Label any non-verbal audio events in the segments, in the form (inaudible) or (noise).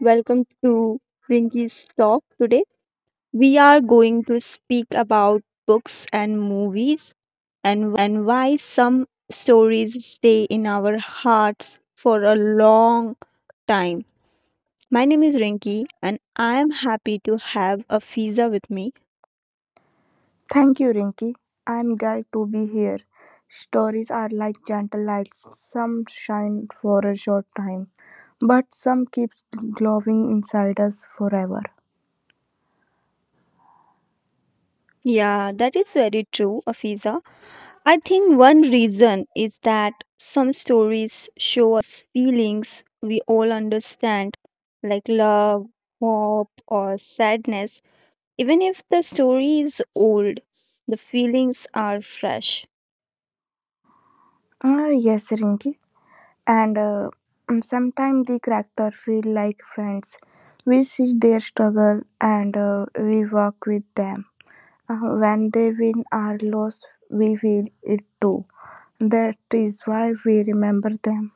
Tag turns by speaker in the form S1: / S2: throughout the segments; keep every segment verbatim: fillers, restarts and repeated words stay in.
S1: Welcome to Rinky's Talk. Today, we are going to speak about books and movies and why some stories stay in our hearts for a long time. My name is Rinky, and I am happy to have Afiza with me.
S2: Thank you, Rinky. I'm glad to be here. Stories are like gentle lights. Some shine for a short time, but some keeps glowing inside us forever.
S1: Yeah, that is very true, Afiza. I think one reason is that some stories show us feelings we all understand, like love, hope, or sadness. Even if the story is old, the feelings are fresh.
S2: Ah, yes, Rinky. And uh, sometimes the character feel like friends. We see their struggle and uh, we walk with them. Uh, when they win or lose, we feel it too. That is why we remember them.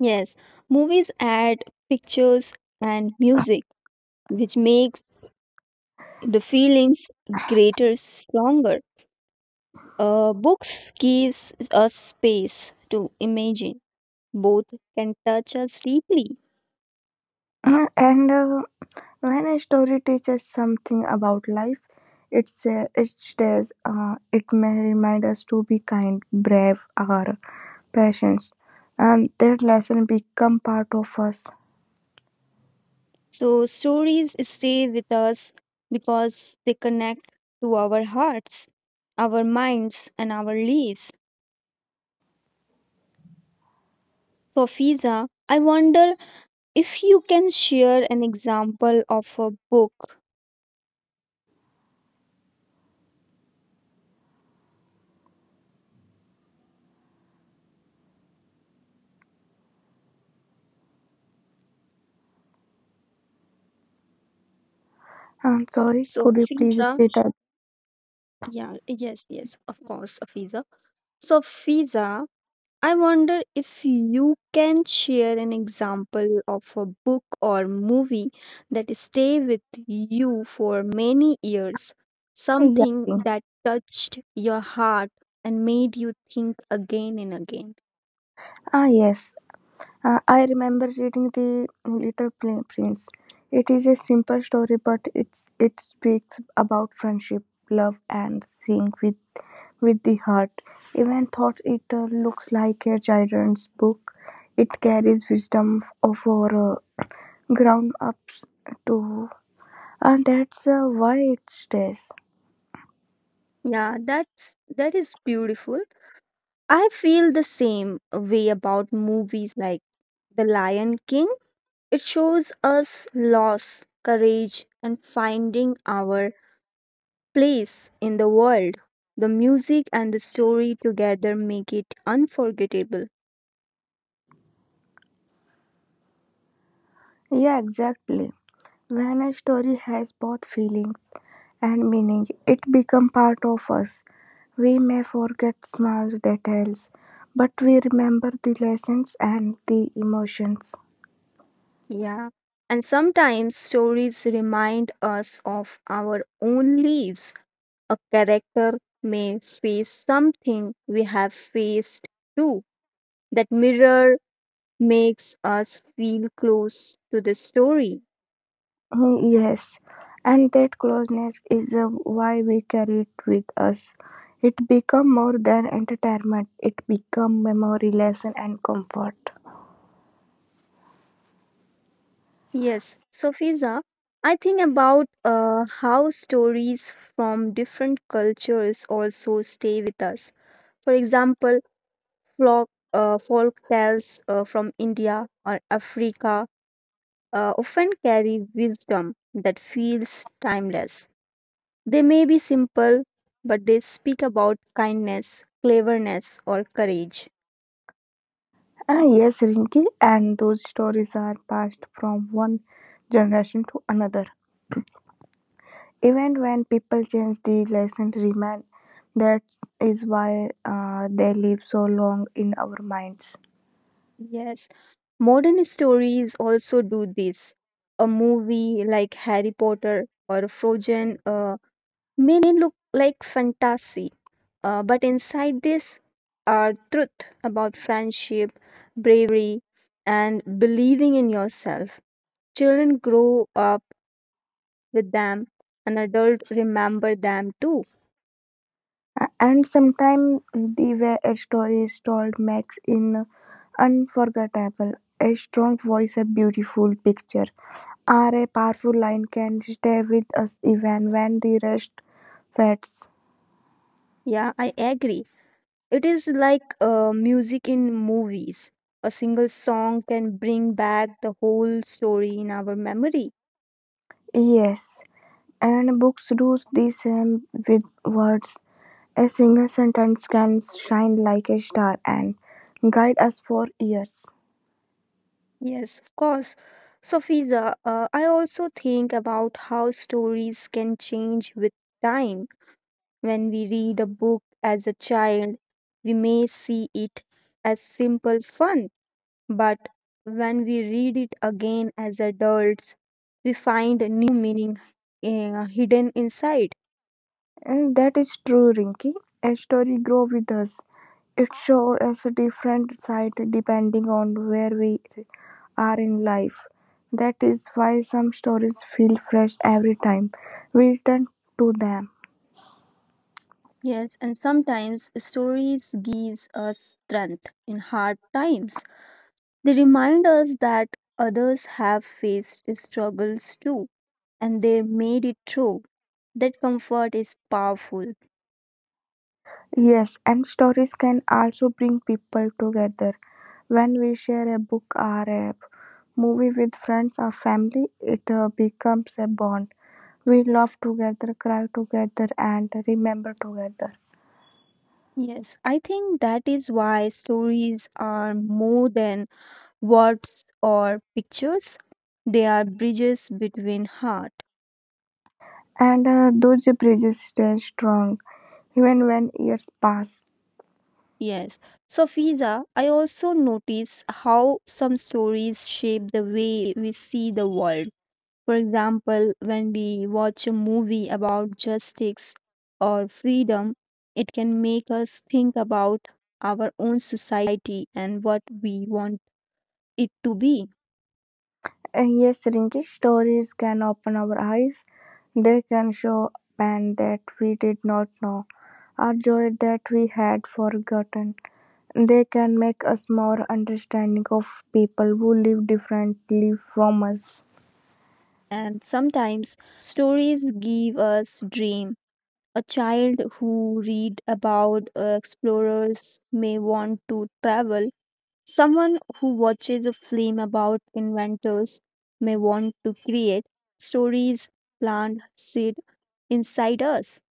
S1: Yes, movies add pictures and music, which makes the feelings greater, stronger. Uh, books gives us space to imagine. Both can touch us deeply.
S2: Uh, and uh, when a story teaches something about life, it's a, it stays. Uh, it may remind us to be kind, brave, or patient, and that lesson become part of us.
S1: So, stories stay with us because they connect to our hearts, our minds, and our lives. So, Fiza, I wonder if you can share an example of a book.
S2: I'm sorry,
S1: So,
S2: could you please
S1: Fiza,
S2: repeat that?
S1: yeah, yes, yes, of course, Fiza. So, Fiza, I wonder if you can share an example of a book or movie that stay with you for many years, something
S2: Exactly.
S1: that touched your heart and made you think again and again.
S2: Ah, yes. Uh, I remember reading the Little Pl- Prince. It is a simple story, but it's it speaks about friendship, love, and seeing with with the heart. Even though it uh, looks like a children's book, it carries wisdom f- for uh, grown ups too. And that's uh, why it stays.
S1: Yeah, that's that is beautiful. I feel the same way about movies like The Lion King. It shows us loss, courage and finding our place in the world. The music and the story together make it unforgettable.
S2: Yeah, exactly. When a story has both feeling and meaning, it becomes part of us. We may forget small details, but we remember the lessons and the emotions.
S1: Yeah. And sometimes stories remind us of our own lives. A character may face something we have faced too. That mirror makes us feel close to the story.
S2: Uh, Yes, and that closeness is uh, why we carry it with us. It become more than entertainment. It become memory, lesson, and comfort.
S1: Yes. So, Fiza, I think about uh, how stories from different cultures also stay with us. For example, folk, uh, folk tales uh, from India or Africa uh, often carry wisdom that feels timeless. They may be simple, but they speak about kindness, cleverness, or courage.
S2: Ah, yes, Rinki, and those stories are passed from one generation to another. Even when people change, the lesson remain. That is why uh, they live so long in our minds.
S1: Yes, modern stories also do this. A movie like Harry Potter or Frozen uh, may look like fantasy, Uh, but inside this are truth about friendship, bravery, and believing in yourself. Children grow up with them, and adults remember them too.
S2: A- And sometimes the way a story is told makes in unforgettable. A strong voice, a beautiful picture, or a powerful line can stay with us even when the rest fades.
S1: Yeah, I agree. It is like uh, music in movies. A single song can bring back the whole story in our memory.
S2: Yes, and books do the same with words. A single sentence can shine like a star and guide us for years.
S1: Yes, of course. So, Fiza, uh, I also think about how stories can change with time. When we read a book as a child, we may see it as simple fun, but when we read it again as adults, we find a new meaning uh, hidden inside.
S2: And that is true, Rinky. A story grows with us. It shows us a different side depending on where we are in life. That is why some stories feel fresh every time we return to them.
S1: Yes, and sometimes stories gives us strength in hard times. They remind us that others have faced struggles too and they made it through. That comfort is powerful.
S2: Yes, and stories can also bring people together. When we share a book or a movie with friends or family, it uh, becomes a bond. We laugh together, cry together, and remember together.
S1: Yes, I think that is why stories are more than words or pictures. They are bridges between heart.
S2: And uh, those bridges stay strong even when years pass.
S1: Yes. So, Fiza, I also notice how some stories shape the way we see the world. For example, when we watch a movie about justice or freedom, it can make us think about our own society and what we want it to be.
S2: Uh, Yes, Rinki, stories can open our eyes. They can show pain that we did not know, or joy that we had forgotten. They can make us more understanding of people who live differently from us.
S1: And sometimes stories give us dream, a child who read about uh, explorers may want to travel, someone who watches a film about inventors may want to create. Stories plant seed inside us.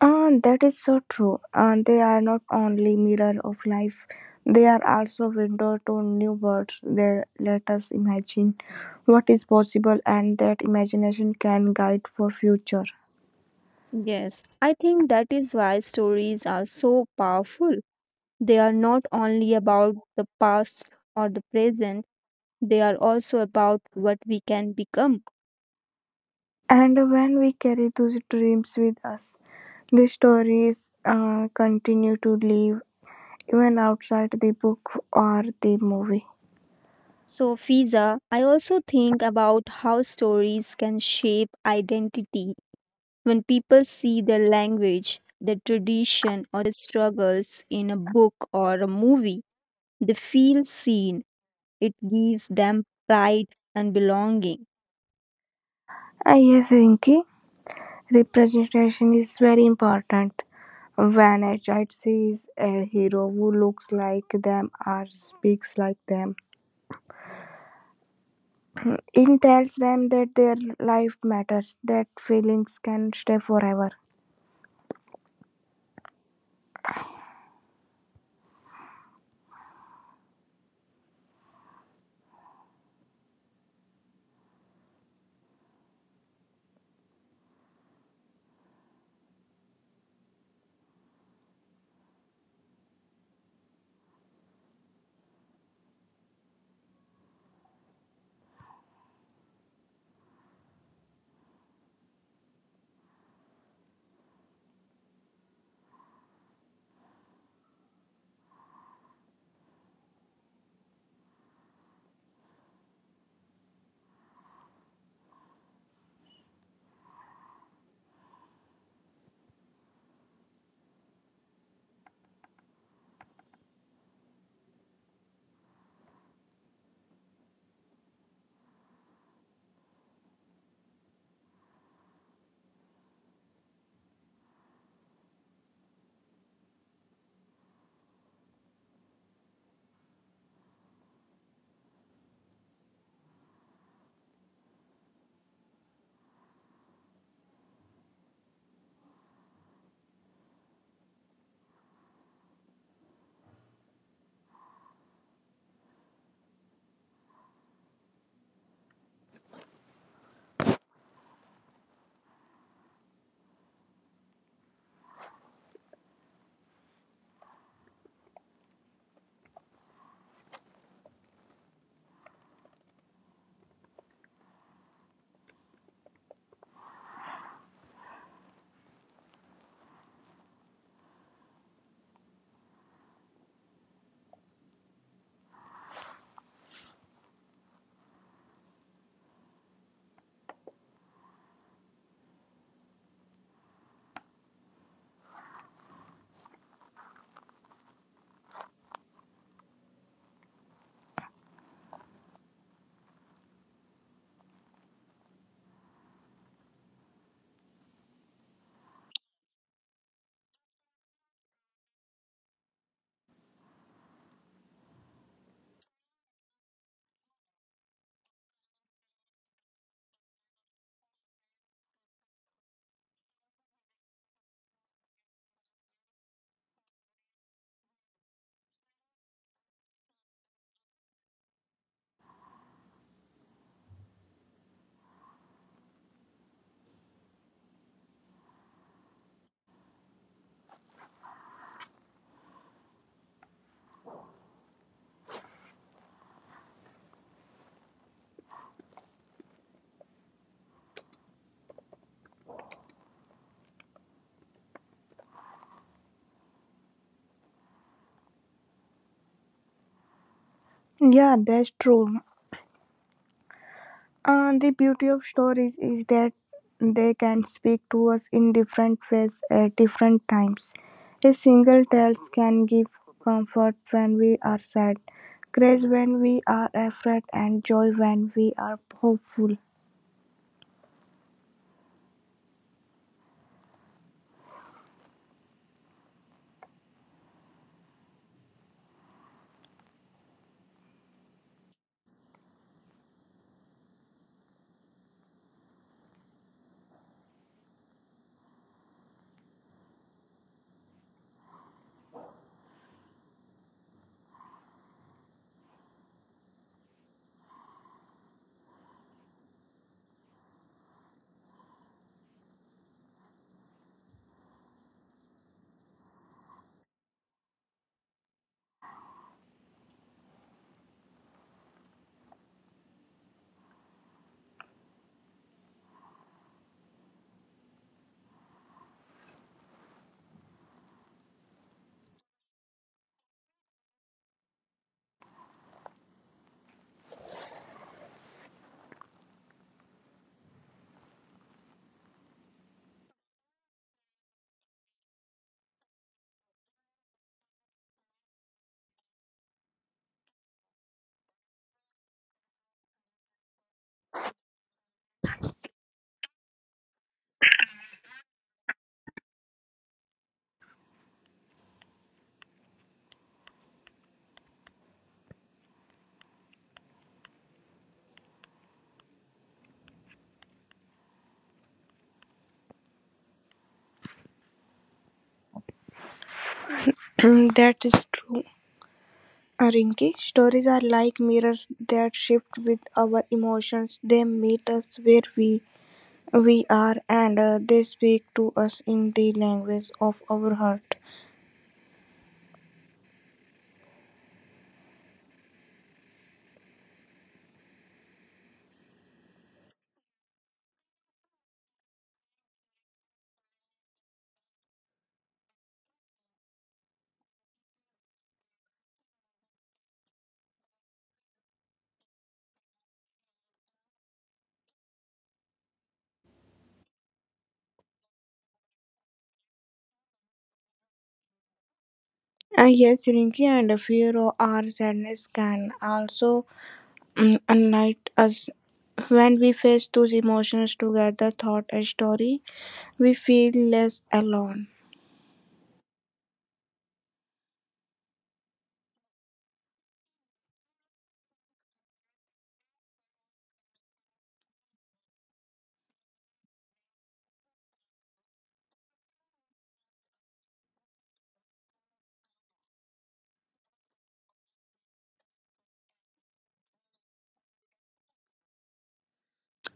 S2: Uh, that is so true. Uh, they are not only mirror of life, they are also window to new worlds. They let us imagine what is possible, and that imagination can guide for future.
S1: Yes, I think that is why stories are so powerful. They are not only about the past or the present, they are also about what we can become.
S2: And when we carry those dreams with us, the stories uh, continue to live even outside the book or the movie.
S1: So, Fiza, I also think about how stories can shape identity. When people see the language, the tradition, or the struggles in a book or a movie, they feel seen. It gives them pride and belonging.
S2: I yes, Rinki, representation is very important. When a child sees a hero who looks like them or speaks like them, it tells them that their life matters, that feelings can stay forever. Yeah, that's true. Uh, the beauty of stories is that they can speak to us in different ways at different times. A single tale can give comfort when we are sad, grace when we are afraid, and joy when we are hopeful. (clears throat) That is true, Rinki. Stories are like mirrors that shift with our emotions. They meet us where we we are, and uh, they speak to us in the language of our heart. Uh, yes, Rinki, and a fear or our sadness can also mm, enlighten us. When we face those emotions together, thought and story, we feel less alone.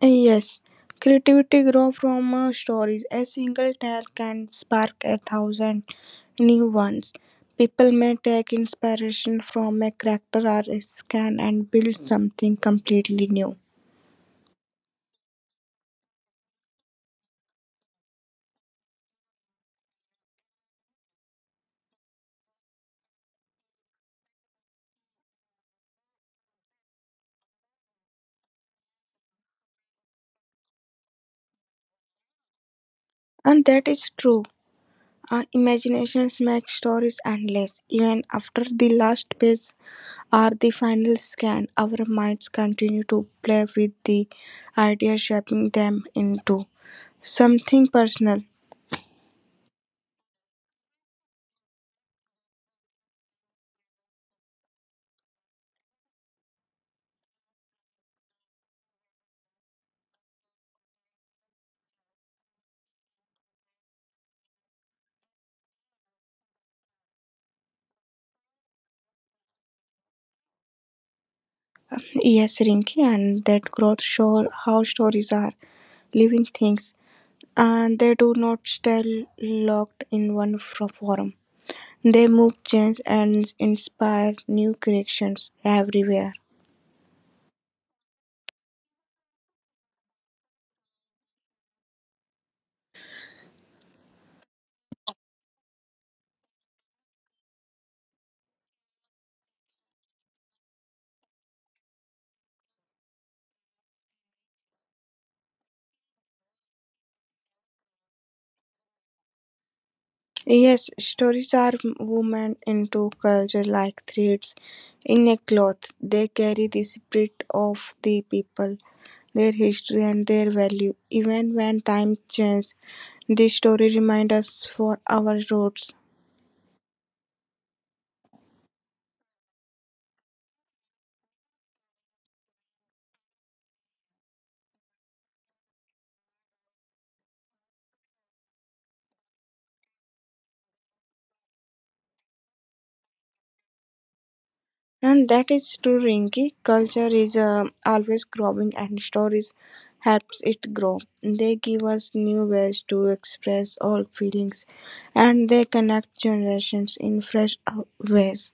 S2: Yes, creativity grows from uh, stories. A single tale can spark a thousand new ones. People may take inspiration from a character or a scan and build something completely new. And that is true. Our imaginations make stories endless. Even after the last page or the final scan, our minds continue to play with the ideas, shaping them into something personal. Yes, Rinky, and that growth show how stories are living things, and they do not stay locked in one fro- form. They move, change, and inspire new creations everywhere. Yes, stories are woven into culture like threads in a cloth. They carry the spirit of the people, their history, and their value. Even when time changes, the story reminds us for our roots. And that is true, Rinki. Culture is uh, always growing, and stories helps it grow. They give us new ways to express all feelings, and they connect generations in fresh uh, ways.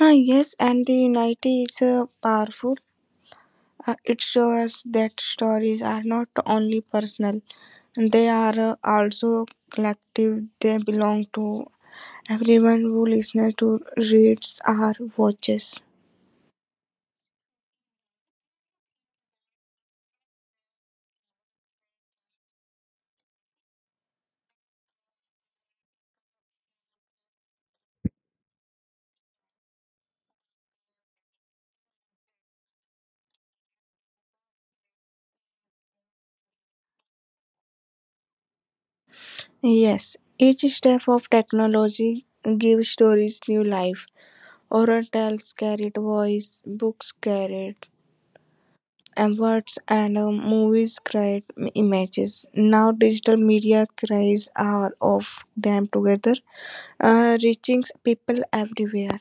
S2: Ah, yes, and the unity is uh, powerful. Uh, it shows that stories are not only personal, they are uh, also collective. They belong to everyone who listens to, reads, or watches. Yes, each step of technology gives stories new life. Oral tales carried voice, books carried and words, and uh, movies create images. Now digital media cries are of them together, uh, reaching people everywhere.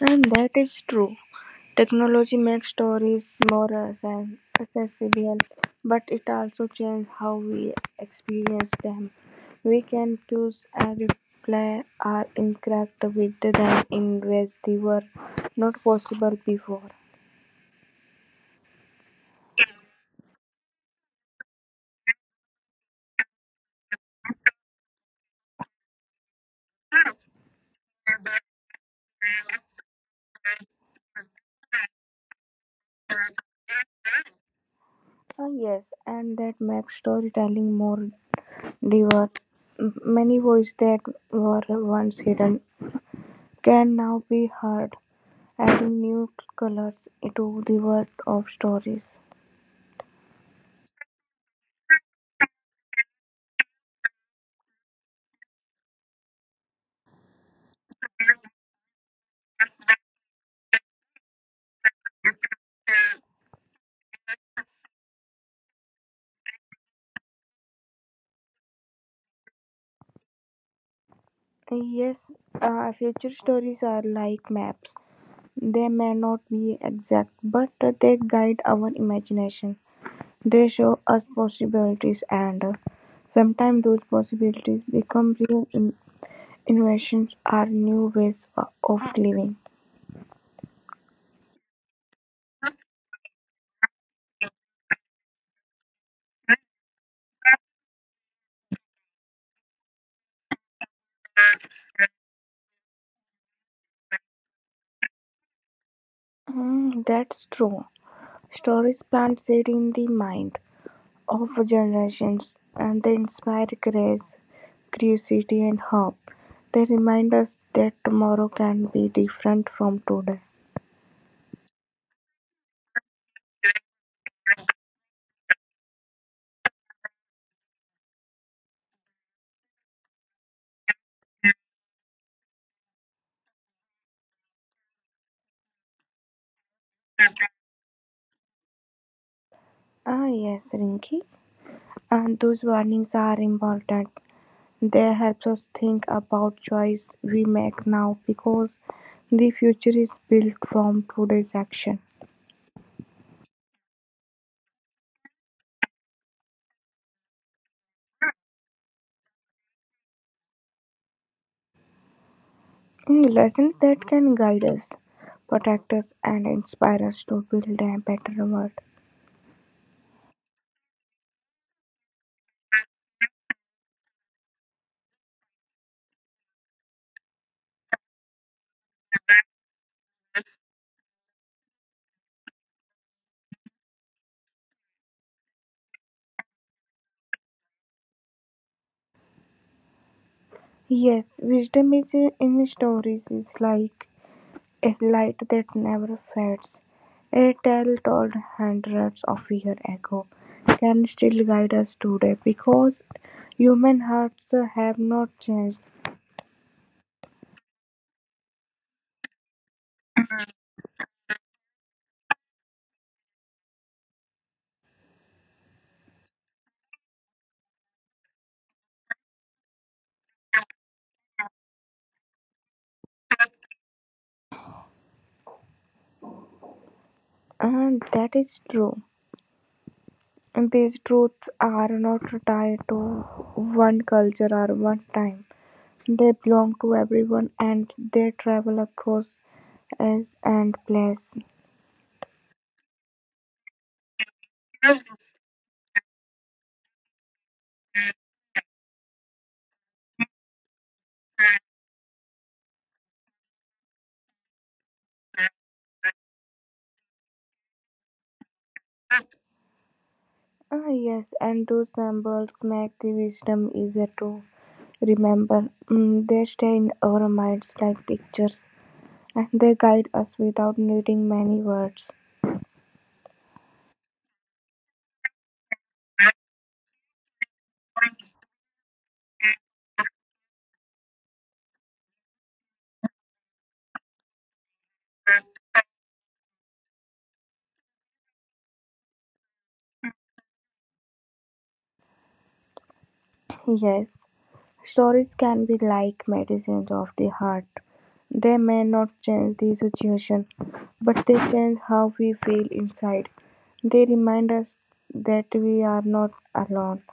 S2: And that is true. Technology makes stories more access- accessible, but it also changes how we experience them. We can choose and replay or interact with them in ways they were not possible before. Ah, yes, and that makes storytelling more diverse. M- Many voices that were once hidden can now be heard adding new colors to the world of stories. Yes, uh, future stories are like maps. They may not be exact, but they guide our imagination. They show us possibilities, and uh, sometimes those possibilities become real in- inventions or new ways o- of living. Mm, that's true. Stories plant seed in the mind over generations, and they inspire grace, curiosity, and hope. They remind us that tomorrow can be different from today. Ah, yes, Rinki. And those warnings are important. They help us think about choice we make now because the future is built from today's action. Mm, lessons that can guide us, protect us, and inspire us to build a better world. Yes, wisdom is uh, in stories is like a light that never fades. A tale told hundreds of years ago can still guide us today because human hearts uh, have not changed. And that is true. And these truths are not tied to one culture or one time. They belong to everyone and they travel across as and place. Ah, yes, and those symbols make the wisdom easier to remember. Mm, they stay in our minds like pictures, and they guide us without needing many words. Yes, stories can be like medicines of the heart. They may not change the situation, but they change how we feel inside. They remind us that we are not alone.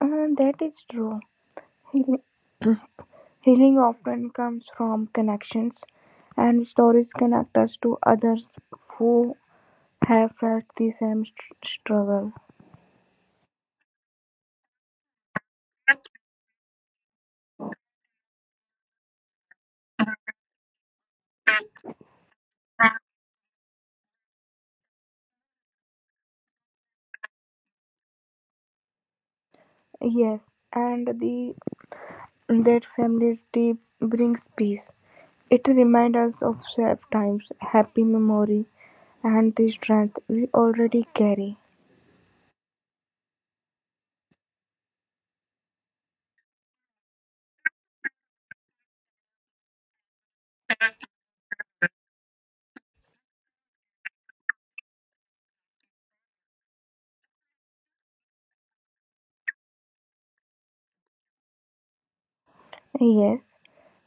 S2: Uh, that is true. Healing often comes from connections, and stories connect us to others who have felt the same str- struggle. Yes, and the that familiarity brings peace. It reminds us of sad times, happy memory, and the strength we already carry. Yes,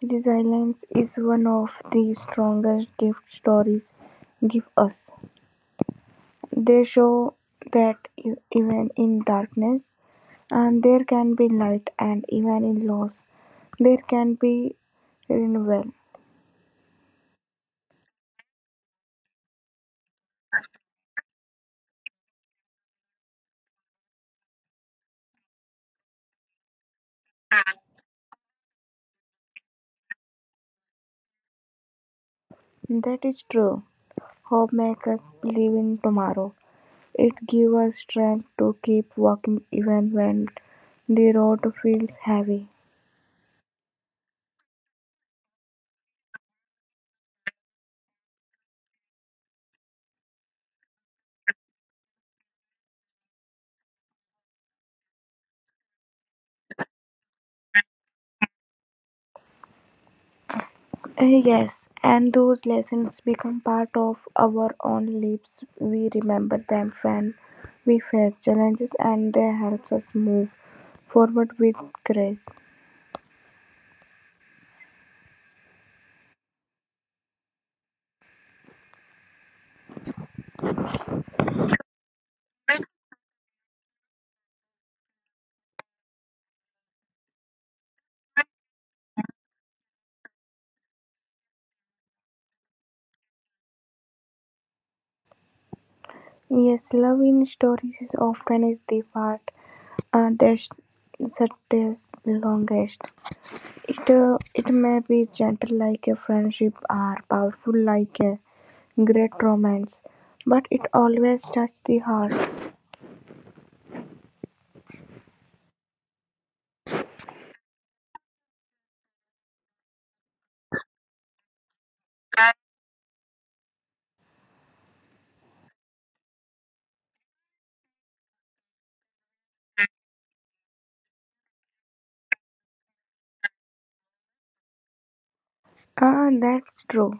S2: resilience is one of the strongest gift stories give us. They show that e- even in darkness, and there can be light, and even in loss, there can be renewal. That is true. Hope makes us live in tomorrow. It gives us strength to keep walking even when the road feels heavy. Eh, Yes, and those lessons become part of our own lives. We remember them when we face challenges and they help us move forward with grace. Yes, love in stories is often is the part Uh, that's the taste longest. It uh, it may be gentle like a friendship or powerful like a great romance, but it always touches the heart. Ah, that's true.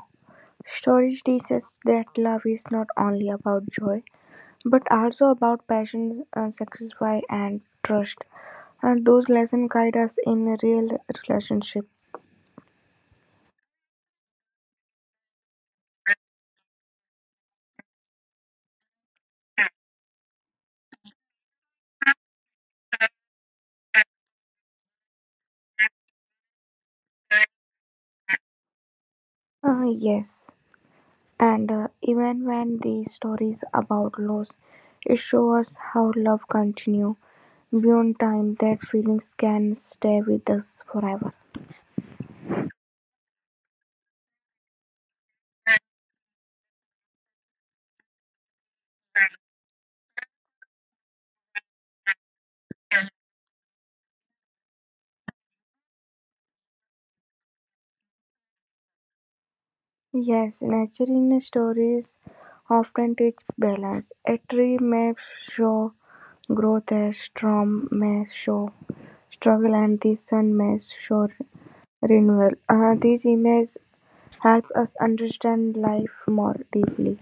S2: Stories teaches that love is not only about joy, but also about passion, uh, sacrifice, and trust. And those lessons guide us in a real relationship. Ah, yes, and uh, even when these stories about loss, it shows us how love continue beyond time, that feelings can stay with us forever. Yes, nature in stories often teach balance. A tree may show growth, a storm may show struggle, and the sun may show renewal. Uh, these images help us understand life more deeply.